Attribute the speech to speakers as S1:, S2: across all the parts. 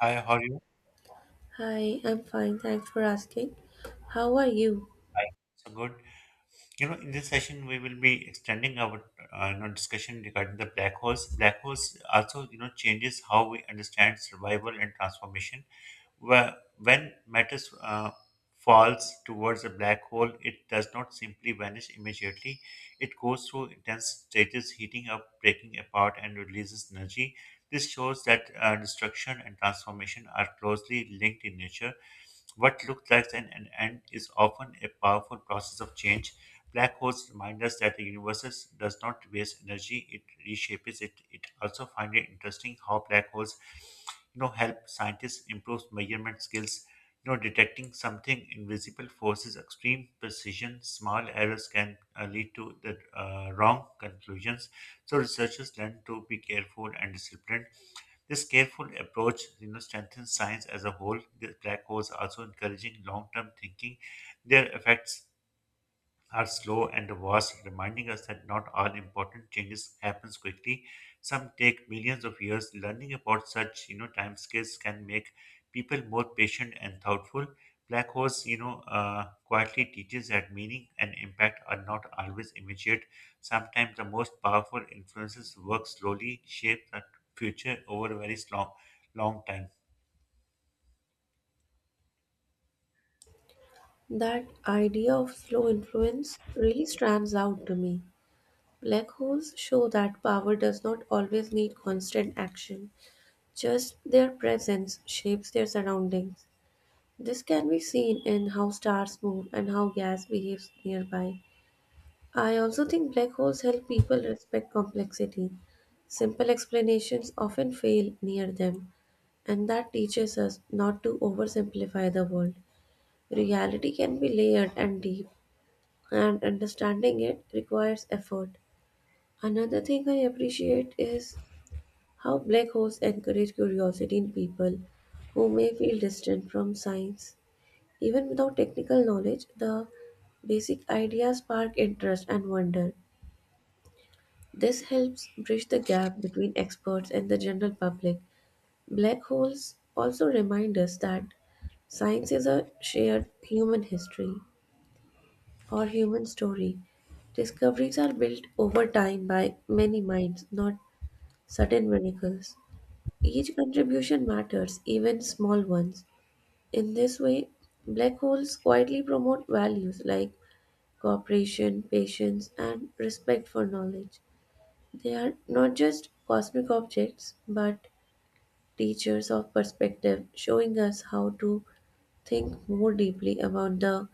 S1: Hi, how are you?
S2: Hi, I'm fine. Thanks for asking. How are you?
S1: Hi. So good. In this session, we will be extending our discussion regarding the black holes. Black holes also, changes how we understand survival and transformation. Where when matter falls towards a black hole, it does not simply vanish immediately. It goes through intense stages, heating up, breaking apart, and releases energy. This shows that destruction and transformation are closely linked in nature. What looks like an end is often a powerful process of change. Black holes remind us that the universe does not waste energy, it reshapes it. It also find it interesting how black holes help scientists improve measurement skills detecting something invisible forces extreme precision small errors can lead to the wrong conclusions so researchers learn to be careful and disciplined this careful approach strengthens science as a whole. The black holes also encouraging long-term thinking. Their effects are slow and vast, reminding us that not all important changes happens quickly. Some take millions of years. Learning about such, timescales can make people more patient and thoughtful. Black holes, quietly teaches that meaning and impact are not always immediate. Sometimes the most powerful influences work slowly, shape the future over a very long time.
S2: That idea of slow influence really stands out to me. Black holes show that power does not always need constant action, just their presence shapes their surroundings. This can be seen in how stars move and how gas behaves nearby. I also think black holes help people respect complexity. Simple explanations often fail near them, and that teaches us not to oversimplify the world. Reality can be layered and deep, and understanding it requires effort. Another thing I appreciate is how black holes encourage curiosity in people who may feel distant from science. Even without technical knowledge, the basic ideas spark interest and wonder. This helps bridge the gap between experts and the general public. Black holes also remind us that science is a shared human history or human story. Discoveries are built over time by many minds, not sudden miracles. Each contribution matters, even small ones. In this way, black holes quietly promote values like cooperation, patience, and respect for knowledge. They are not just cosmic objects, but teachers of perspective, showing us how to think more deeply about the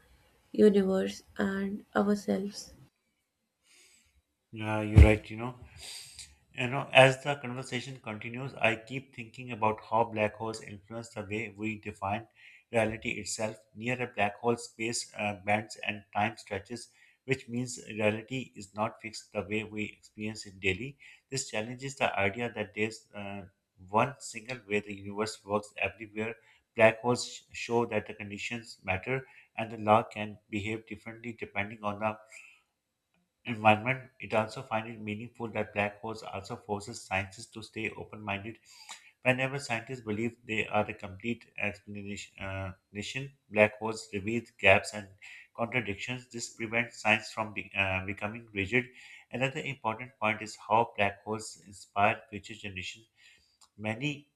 S2: universe and ourselves.
S1: Yeah, you're right. As the conversation continues, I keep thinking about how black holes influence the way we define reality itself. Near a black hole, space bends and time stretches, which means reality is not fixed the way we experience it daily. This challenges the idea that there's one single way the universe works everywhere. Black holes show that the conditions matter and the law can behave differently depending on the environment. It also finds it meaningful that black holes also forces scientists to stay open-minded. Whenever scientists believe they are a complete explanation, black holes reveal gaps and contradictions. This prevents science from becoming rigid. Another important point is how black holes inspire future generations. Many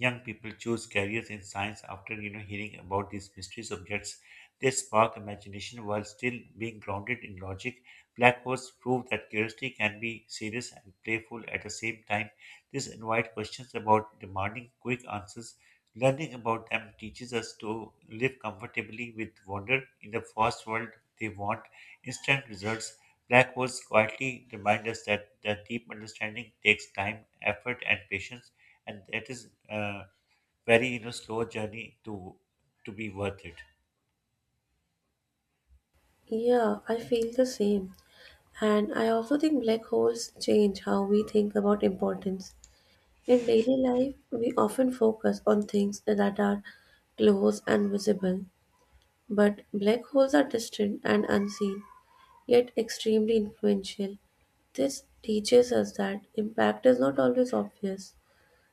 S1: young people choose careers in science after hearing about these mystery subjects. They spark imagination while still being grounded in logic. Black holes prove that curiosity can be serious and playful at the same time. This invites questions about demanding quick answers. Learning about them teaches us to live comfortably with wonder in the fast world they want instant results. Black holes quietly remind us that the deep understanding takes time, effort, and patience, and that is a very slow journey to be worth it.
S2: Yeah, I feel the same. And I also think black holes change how we think about importance. In daily life, we often focus on things that are close and visible, but black holes are distant and unseen, yet extremely influential. This teaches us that impact is not always obvious.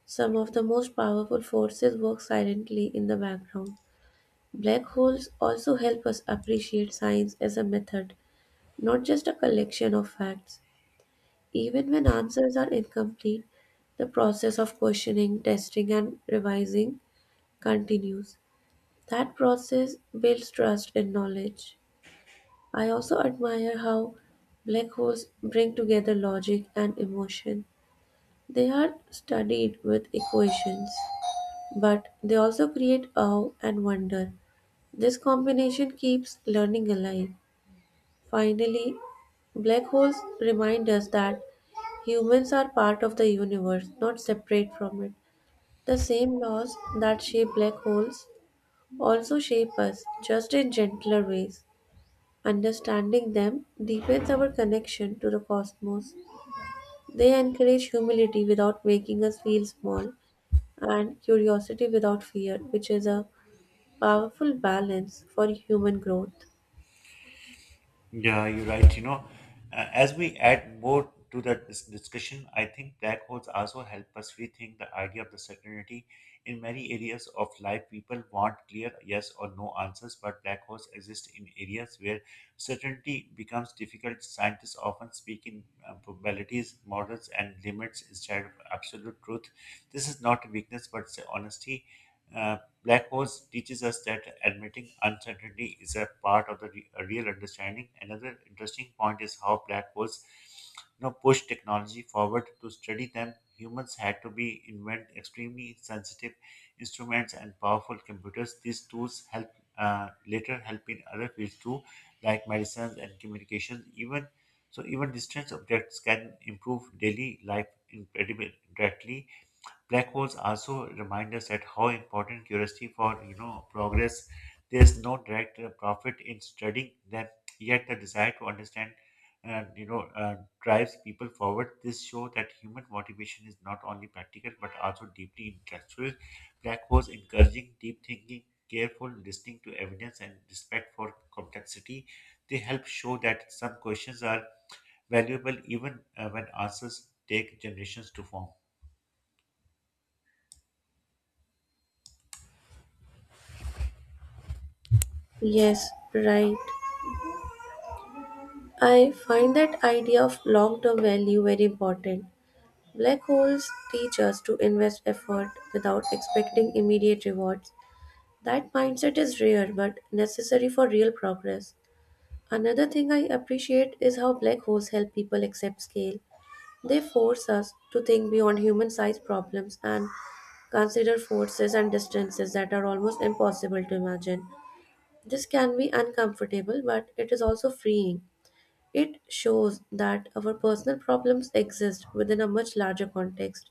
S2: Some of the most powerful forces work silently in the background. Black holes also help us appreciate science as a method, not just a collection of facts. Even when answers are incomplete, the process of questioning, testing, and revising continues. That process builds trust in knowledge. I also admire how black holes bring together logic and emotion. They are studied with equations, but they also create awe and wonder. This combination keeps learning alive. Finally, black holes remind us that humans are part of the universe, not separate from it. The same laws that shape black holes also shape us, just in gentler ways. Understanding them deepens our connection to the cosmos. They encourage humility without making us feel small, and curiosity without fear, which is a powerful balance for human growth.
S1: Yeah, you're right. As we add more to the discussion, I think black holes also help us rethink the idea of the certainty. In many areas of life, people want clear yes or no answers, but black holes exist in areas where certainty becomes difficult. Scientists often speak in probabilities, models, and limits instead of absolute truth. This is not a weakness, but it's a honesty. Uh, Black holes teaches us that admitting uncertainty is a part of the real understanding. Another interesting point is how black holes push technology forward. To study them, humans had to be invent extremely sensitive instruments and powerful computers. These tools help later help in other fields too, like medicines and communications. Even so, even distance objects can improve daily life incredibly directly. Black holes also remind us that how important curiosity for progress. There's no direct profit in studying them, yet the desire to understand, uh, you know uh, drives people forward. This shows that human motivation is not only practical but also deeply intellectual. Black holes encouraging deep thinking, careful listening to evidence, and respect for complexity. They help show that some questions are valuable even when answers take generations to form.
S2: Yes, right. I find that idea of long term value very important. Black holes teach us to invest effort without expecting immediate rewards. That mindset is rare but necessary for real progress. Another thing I appreciate is how black holes help people accept scale. They force us to think beyond human sized problems and consider forces and distances that are almost impossible to imagine. This can be uncomfortable, but it is also freeing. It shows that our personal problems exist within a much larger context.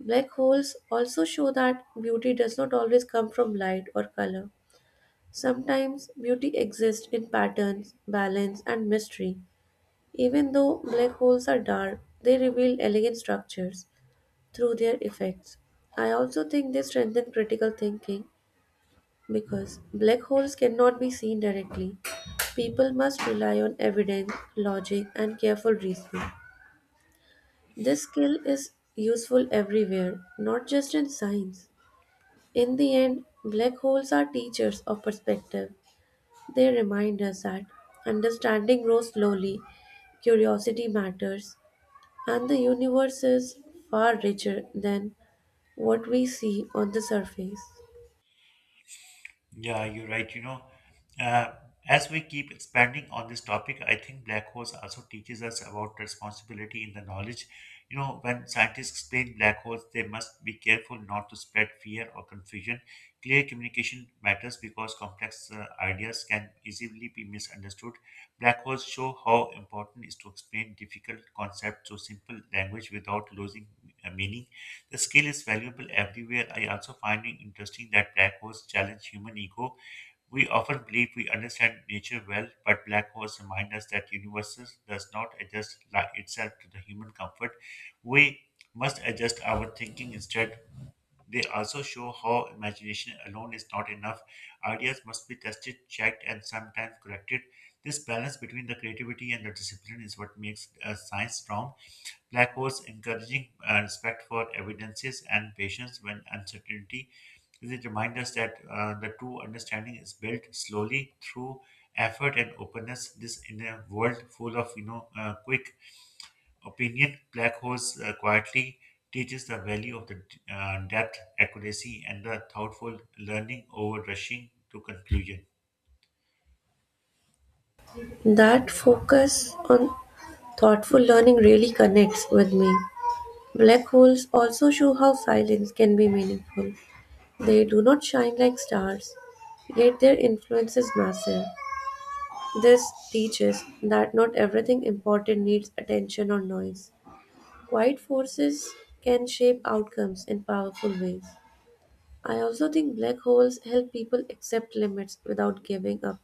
S2: Black holes also show that beauty does not always come from light or color. Sometimes beauty exists in patterns, balance, and mystery. Even though black holes are dark, they reveal elegant structures through their effects. I also think they strengthen critical thinking because black holes cannot be seen directly. People must rely on evidence, logic, and careful reasoning. This skill is useful everywhere, not just in science. In the end, black holes are teachers of perspective. They remind us that understanding grows slowly, curiosity matters, and the universe is far richer than what we see on the surface.
S1: Yeah, you're right. Uh, as we keep expanding on this topic, I think black holes also teaches us about responsibility in the knowledge. You know, when scientists explain black holes, they must be careful not to spread fear or confusion. Clear communication matters because complex ideas can easily be misunderstood. Black holes show how important it is to explain difficult concepts to simple language without losing meaning. The skill is valuable everywhere. I also find it interesting that black holes challenge human ego. We often believe we understand nature well, but black holes remind us that universe does not adjust itself to the human comfort. We must adjust our thinking instead. They also show how imagination alone is not enough. Ideas must be tested, checked, and sometimes corrected. This balance between the creativity and the discipline is what makes science strong. Black holes encouraging respect for evidences and patience when uncertainty. It reminds us that the true understanding is built slowly through effort and openness. This in a world full of quick opinion, black holes quietly teaches the value of the depth, accuracy, and the thoughtful learning over rushing to conclusion.
S2: That focus on thoughtful learning really connects with me. Black holes also show how silence can be meaningful. They do not shine like stars, yet their influence is massive. This teaches that not everything important needs attention or noise. Quiet forces can shape outcomes in powerful ways. I also think black holes help people accept limits without giving up.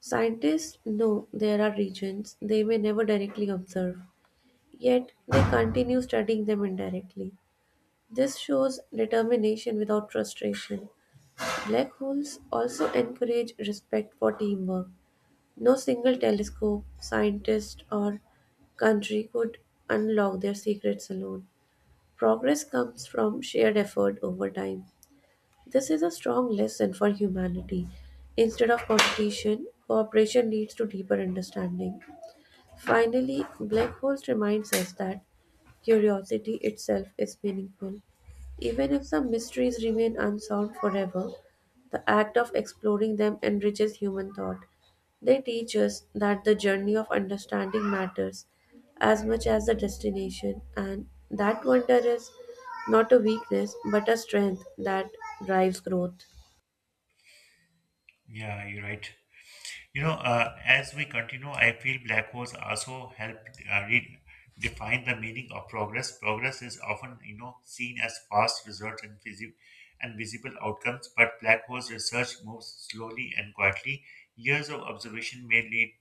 S2: Scientists know there are regions they may never directly observe, yet they continue studying them indirectly. This shows determination without frustration. Black holes also encourage respect for teamwork. No single telescope, scientist, or country could unlock their secrets alone. Progress comes from shared effort over time. This is a strong lesson for humanity. Instead of competition, cooperation leads to deeper understanding. Finally, black holes reminds us that curiosity itself is meaningful. Even if some mysteries remain unsolved forever, the act of exploring them enriches human thought. They teach us that the journey of understanding matters as much as the destination, and that wonder is not a weakness but a strength that drives growth.
S1: Yeah, you're right. As we continue, I feel black holes also help redefine the meaning of progress. Progress is often, seen as fast results and visible outcomes, but black holes research moves slowly and quietly. Years of observation may lead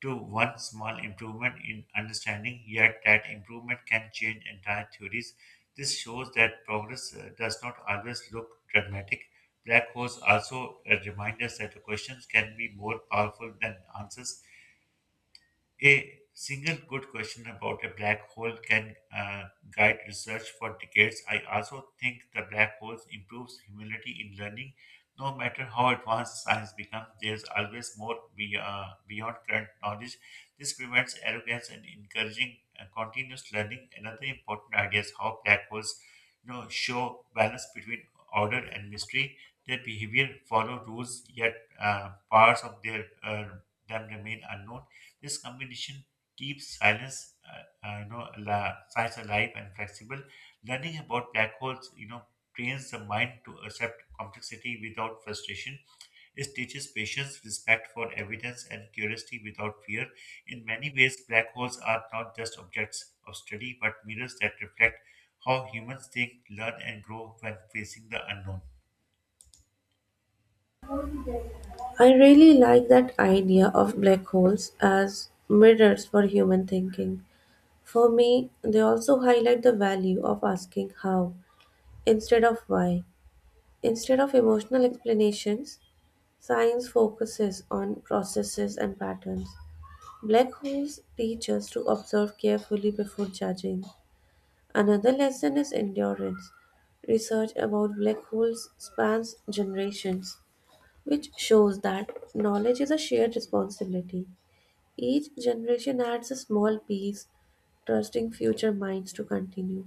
S1: to one small improvement in understanding, yet that improvement can change entire theories. This shows that progress does not always look dramatic. Black holes also remind us that the questions can be more powerful than answers. A single good question about a black hole can guide research for decades. I also think the black holes improves humility in learning. No matter how advanced science becomes, there's always more beyond current knowledge. This prevents arrogance and encouraging continuous learning. Another important idea is how black holes, show balance between order and mystery. Their behavior follow rules, yet parts of their them remain unknown. This combination keeps silence, science alive and flexible. Learning about black holes, trains the mind to accept complexity without frustration. It teaches patience, respect for evidence, and curiosity without fear. In many ways, black holes are not just objects of study, but mirrors that reflect how humans think, learn, and grow when facing the unknown.
S2: I really like that idea of black holes as mirrors for human thinking. For me, they also highlight the value of asking how instead of why. Instead of emotional explanations, science focuses on processes and patterns. Black holes teach us to observe carefully before judging. Another lesson is endurance. Research about black holes spans generations, which shows that knowledge is a shared responsibility. Each generation adds a small piece, trusting future minds to continue.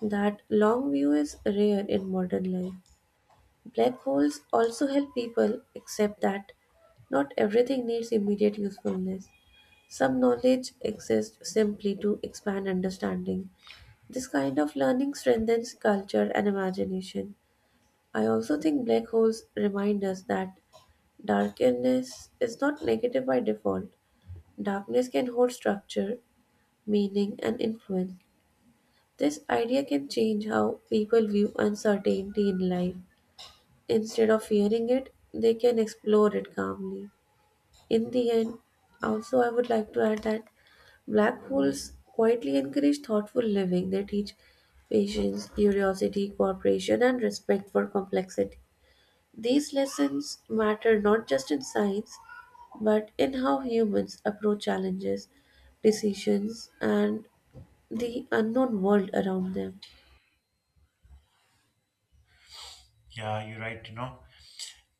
S2: That long view is rare in modern life. Black holes also help people, except that not everything needs immediate usefulness. Some knowledge exists simply to expand understanding. This kind of learning strengthens culture and imagination. I also think black holes remind us that darkness is not negative by default. Darkness can hold structure, meaning, and influence. This idea can change how people view uncertainty in life. Instead of fearing it, they can explore it calmly. In the end, also, I would like to add that black holes quietly encourage thoughtful living. They teach patience, curiosity, cooperation, and respect for complexity. These lessons matter not just in science, but in how humans approach challenges, decisions, and the unknown world around them.
S1: Yeah, you're right,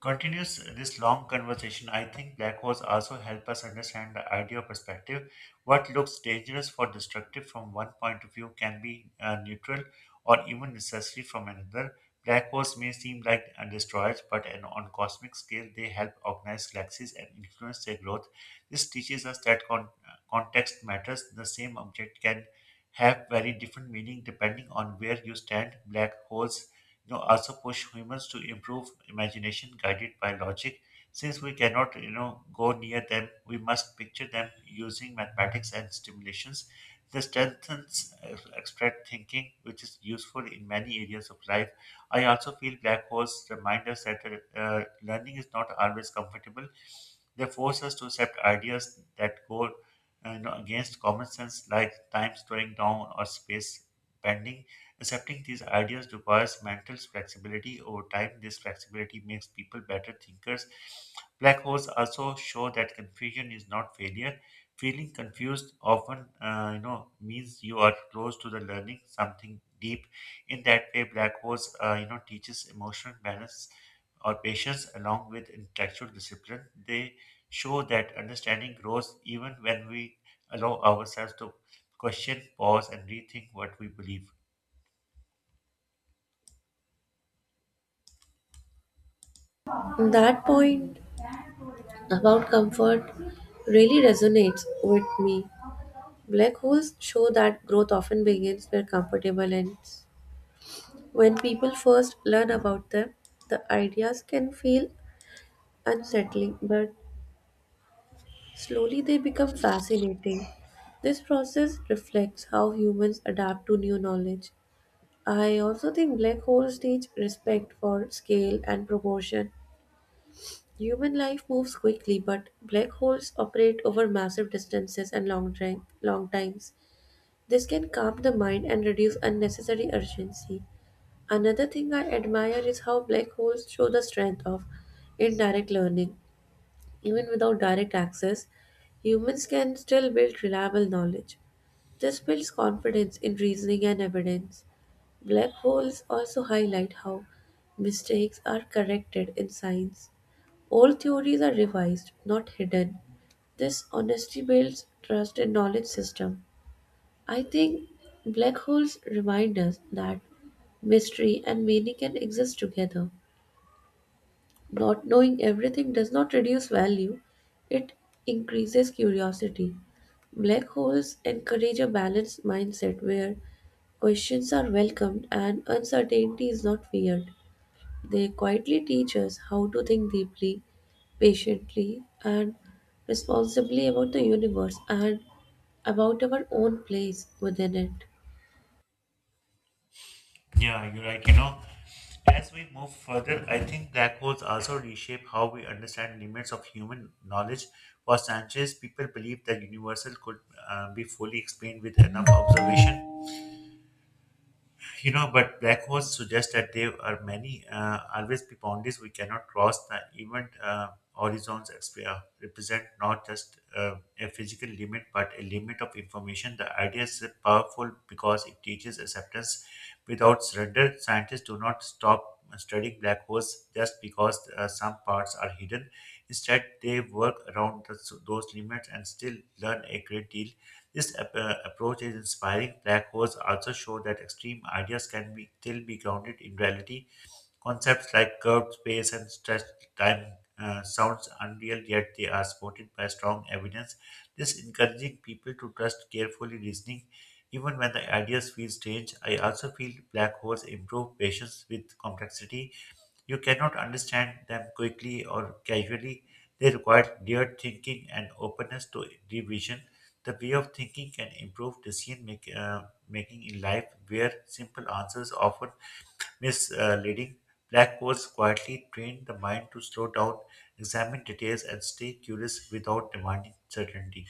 S1: Continues this long conversation, I think black holes also help us understand the idea of perspective. What looks dangerous or destructive from one point of view can be neutral or even necessary from another. Black holes may seem like destroyers, but on cosmic scale, they help organize galaxies and influence their growth. This teaches us that context matters. The same object can have very different meaning depending on where you stand. Black holes also push humans to improve imagination guided by logic, since we cannot go near them we must picture them using mathematics and stimulations. This strengthens abstract thinking, which is useful in many areas of life. I also feel black holes remind us that learning is not always comfortable. They force us to accept ideas that go against common sense, like time slowing down or space bending. Accepting these ideas requires mental flexibility over time. This flexibility makes people better thinkers. Black holes also show that confusion is not failure. Feeling confused often, means you are close to the learning something deep. In that way, black holes, teaches emotional balance or patience along with intellectual discipline. They show that understanding grows even when we allow ourselves to question, pause, and rethink what we believe.
S2: That point about comfort really resonates with me. Black holes show that growth often begins where comfortable ends. When people first learn about them, the ideas can feel unsettling, but slowly they become fascinating. This process reflects how humans adapt to new knowledge. I also think black holes teach respect for scale and proportion. Human life moves quickly, but black holes operate over massive distances and long times. This can calm the mind and reduce unnecessary urgency. Another thing I admire is how black holes show the strength of indirect learning. Even without direct access, humans can still build reliable knowledge. This builds confidence in reasoning and evidence. Black holes also highlight how mistakes are corrected in science. Old theories are revised, not hidden. This honesty builds trust in knowledge system. I think black holes remind us that mystery and meaning can exist together. Not knowing everything does not reduce value, it increases curiosity. Black holes encourage a balanced mindset where questions are welcomed and uncertainty is not feared. They quietly teach us how to think deeply, patiently, and responsibly about the universe and about our own place within it.
S1: Yeah, you're right. As we move further, I think black holes also reshape how we understand limits of human knowledge. For Sanchez, people believe that universal could be fully explained with enough observation, but black holes suggest that there are many always be boundaries we cannot cross. The event horizons represent not just a physical limit, but a limit of information. The idea is powerful because it teaches acceptance without surrender. Scientists do not stop studying black holes just because some parts are hidden. Instead, they work around those limits and still learn a great deal. This approach is inspiring. Black holes also show that extreme ideas can be still be grounded in reality. Concepts like curved space and stretched time sounds unreal, yet they are supported by strong evidence. This encouraging people to trust carefully reasoning, even when the ideas feel strange. I also feel black holes improve patience with complexity. You cannot understand them quickly or casually. They require layered thinking and openness to revision. The way of thinking can improve decision making in life, where simple answers often misleading. Black codes quietly train the mind to slow down, examine details, and stay curious without demanding certainty.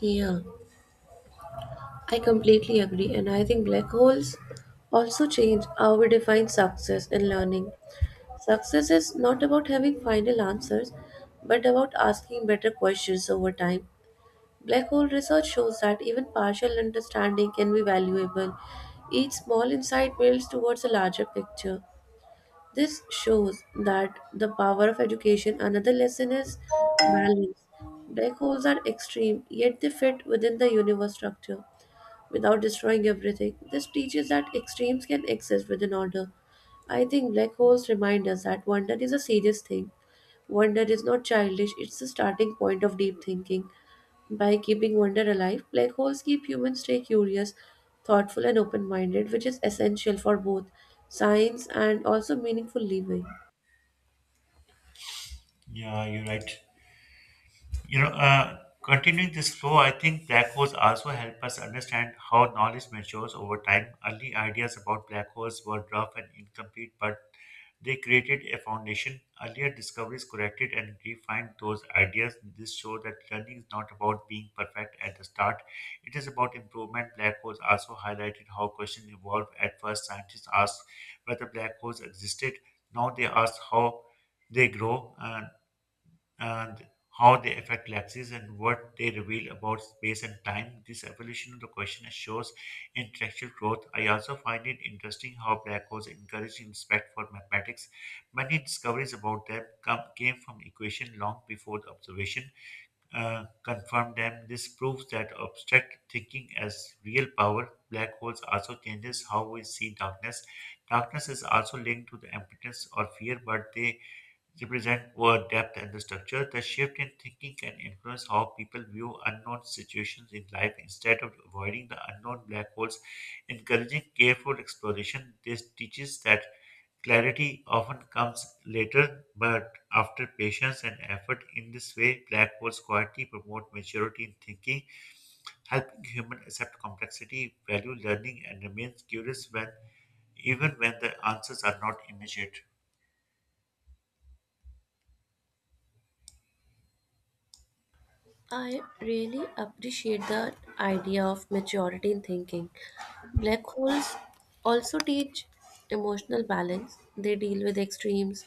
S2: Yeah, I completely agree, and I think black holes also change how we define success in learning. Success is not about having final answers, but about asking better questions over time. Black hole research shows that even partial understanding can be valuable. Each small insight builds towards a larger picture. This shows that the power of education, another lesson is balance. Black holes are extreme, yet they fit within the universe structure without destroying everything. This teaches that extremes can exist within order. I think black holes remind us that wonder is a serious thing. Wonder is not childish, it's the starting point of deep thinking. By keeping wonder alive, black holes keep humans stay curious, thoughtful, and open minded, which is essential for both science and also meaningful living.
S1: Yeah, you're right. Continuing this flow, I think black holes also help us understand how knowledge matures over time. Early ideas about black holes were rough and incomplete, but they created a foundation. Earlier discoveries corrected and refined those ideas. This shows that learning is not about being perfect at the start, it is about improvement. Black holes also highlighted how questions evolve. At first, scientists asked whether black holes existed. Now they ask how they grow. Uh, how they affect galaxies and what they reveal about space and time. This evolution of the question shows intellectual growth. I also find it interesting how black holes encourage respect for mathematics. Many discoveries about them came from equation long before the observation confirmed them. This proves that abstract thinking has real power. Black holes also changes how we see darkness. Darkness is also linked to the impotence or fear, but they represent word, depth, and the structure. The shift in thinking can influence how people view unknown situations in life instead of avoiding the unknown black holes. Encouraging careful exploration, this teaches that clarity often comes later but after patience and effort. In this way, black holes quietly promote maturity in thinking, helping human accept complexity, value learning, and remains curious when even when the answers are not immediate.
S2: I really appreciate the idea of maturity in thinking. Black holes also teach emotional balance, they deal with extremes,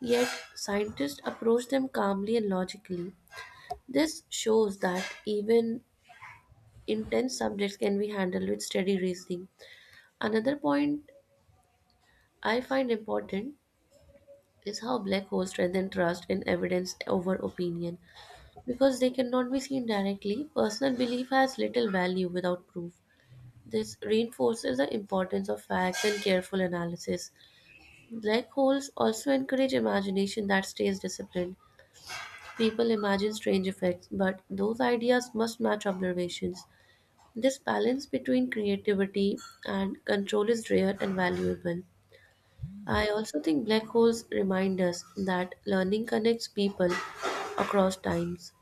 S2: yet, scientists approach them calmly and logically. This shows that even intense subjects can be handled with steady reasoning. Another point I find important is how black holes strengthen trust in evidence over opinion. Because they cannot be seen directly, personal belief has little value without proof. This reinforces the importance of facts and careful analysis. Black holes also encourage imagination that stays disciplined. People imagine strange effects, but those ideas must match observations. This balance between creativity and control is rare and valuable. I also think black holes remind us that learning connects people across times.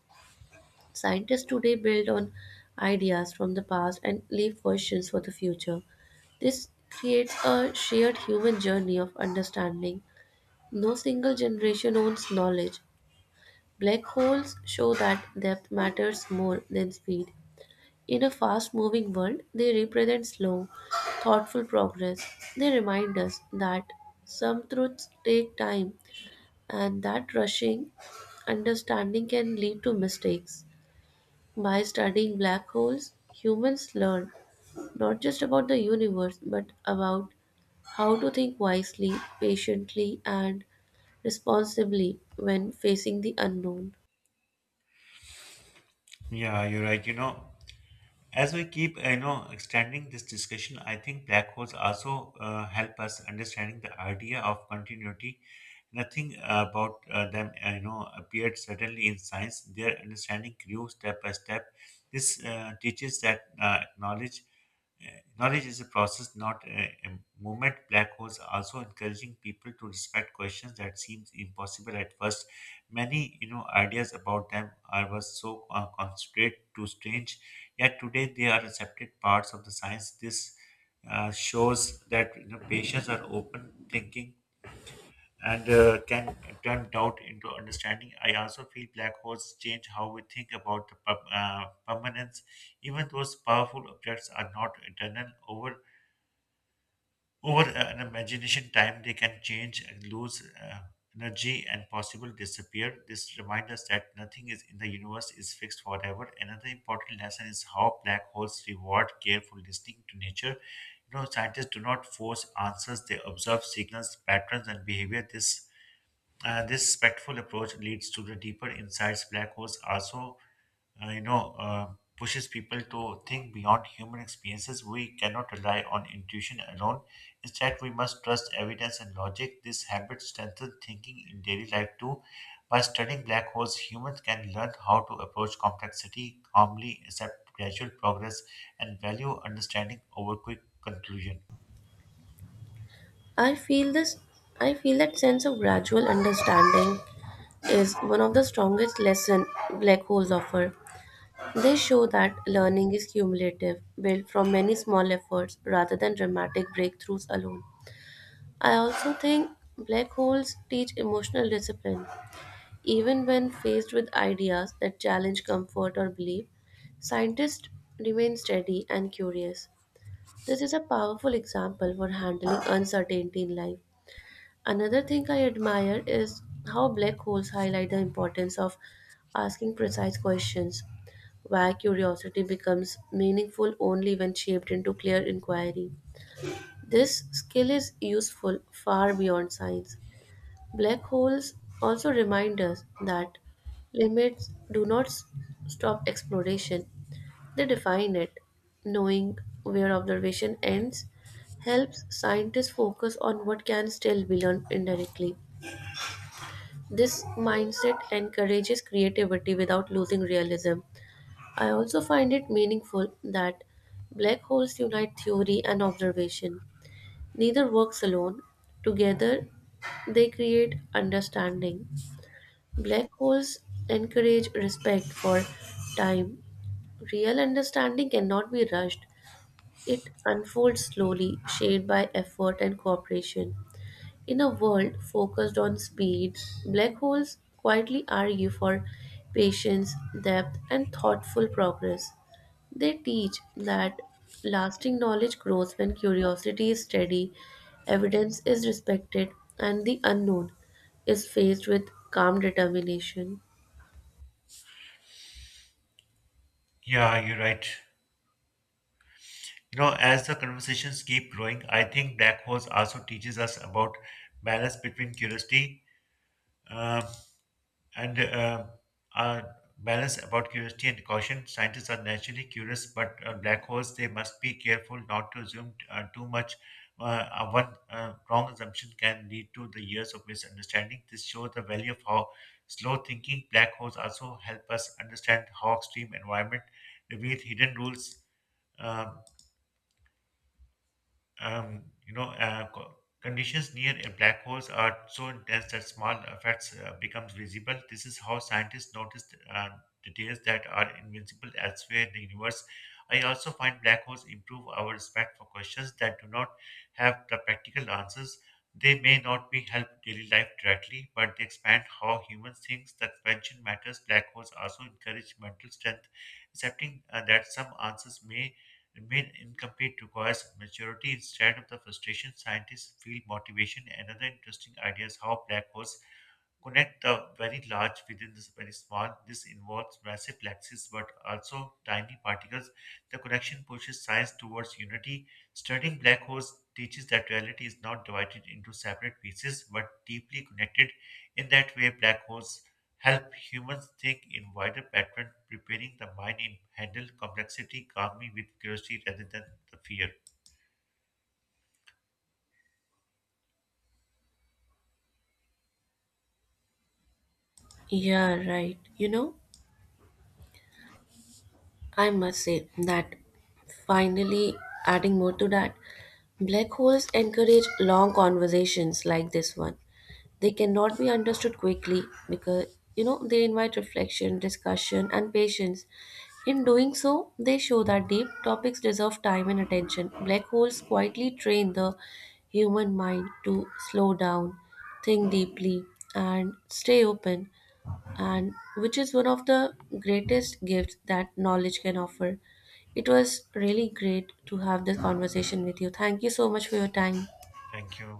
S2: Scientists today build on ideas from the past and leave questions for the future. This creates a shared human journey of understanding. No single generation owns knowledge. Black holes show that depth matters more than speed. In a fast moving world, they represent slow, thoughtful progress. They remind us that some truths take time and that rushing understanding can lead to mistakes. By studying black holes, humans learn not just about the universe but about how to think wisely, patiently, and responsibly when facing the unknown.
S1: Yeah, you're right. As we keep, extending this discussion, I think black holes also help us understanding the idea of continuity. Nothing about them, appeared suddenly in science. Their understanding grew step by step. This teaches that uh, Knowledge is a process, not a movement. Black holes are also encouraging people to respect questions that seemed impossible at first. Many, ideas about them are was so concentrate to strange, yet today they are accepted parts of the science. This shows that patients are open thinking and can turn doubt into understanding. I also feel black holes change how we think about the permanence. Even those powerful objects are not eternal. Over an imagination time, they can change and lose energy and possibly disappear. This reminds us that nothing is in the universe is fixed forever. Another important lesson is how black holes reward careful listening to nature. Scientists do not force answers; they observe signals, patterns, and behavior. This respectful approach leads to the deeper insights. Black holes also uh, you know uh, pushes people to think beyond human experiences. We cannot rely on intuition alone. Instead, we must trust evidence and logic. This habit strengthens thinking in daily life too. By studying black holes, humans can learn how to approach complexity calmly, accept gradual progress, and value understanding over quick conclusion.
S2: I feel this I feel that sense of gradual understanding is one of the strongest lesson black holes offer. They show that learning is cumulative, built from many small efforts rather than dramatic breakthroughs alone. I also think black holes teach emotional discipline. Even when faced with ideas that challenge comfort or belief, scientists remain steady and curious. This is a powerful example for handling uncertainty in life. Another thing I admire is how black holes highlight the importance of asking precise questions, where curiosity becomes meaningful only when shaped into clear inquiry. This skill is useful far beyond science. Black holes also remind us that limits do not stop exploration, they define it. Knowing where observation ends helps scientists focus on what can still be learned indirectly. This mindset encourages creativity without losing realism. I also find it meaningful that black holes unite theory and observation. Neither works alone, together they create understanding. Black holes encourage respect for time. Real understanding cannot be rushed, it unfolds slowly, shaped by effort and cooperation. In a world focused on speed, black holes quietly argue for patience, depth, and thoughtful progress. They teach that lasting knowledge grows when curiosity is steady, evidence is respected, and the unknown is faced with calm determination.
S1: Yeah, you're right. As the conversations keep growing, I think black holes also teaches us about balance between curiosity um, and a balance about curiosity and caution. Scientists are naturally curious, but black holes they must be careful not to assume too much. Uh, One wrong assumption can lead to the years of misunderstanding. This shows the value of how slow thinking. Black holes also help us understand how extreme environment reveal hidden rules. Um um, you know, uh, co- Conditions near a black holes are so intense that small effects becomes visible. This is how scientists noticed details that are invincible elsewhere in the universe. I also find black holes improve our respect for questions that do not have the practical answers. They may not be help daily life directly, but they expand how humans think. The expansion matters. Black holes also encourage mental strength, accepting that some answers may remain incomplete requires maturity instead of the frustration scientists feel motivation. Another interesting idea is how black holes connect the very large within this very small. This involves massive galaxies but also tiny particles. The connection pushes science towards unity. Studying black holes teaches that reality is not divided into separate pieces but deeply connected. In that way, black holes help humans think in wider pattern, preparing the mind in handle complexity calmly with curiosity rather than the fear.
S2: Yeah, right. You know, I must say that finally, adding more to that, black holes encourage long conversations like this one. They cannot be understood quickly because they invite reflection, discussion, and patience. In doing so, they show that deep topics deserve time and attention. Black holes quietly train the human mind to slow down, think deeply, and stay open, and which is one of the greatest gifts that knowledge can offer. It was really great to have this conversation with you. Thank you so much for your time.
S1: Thank you.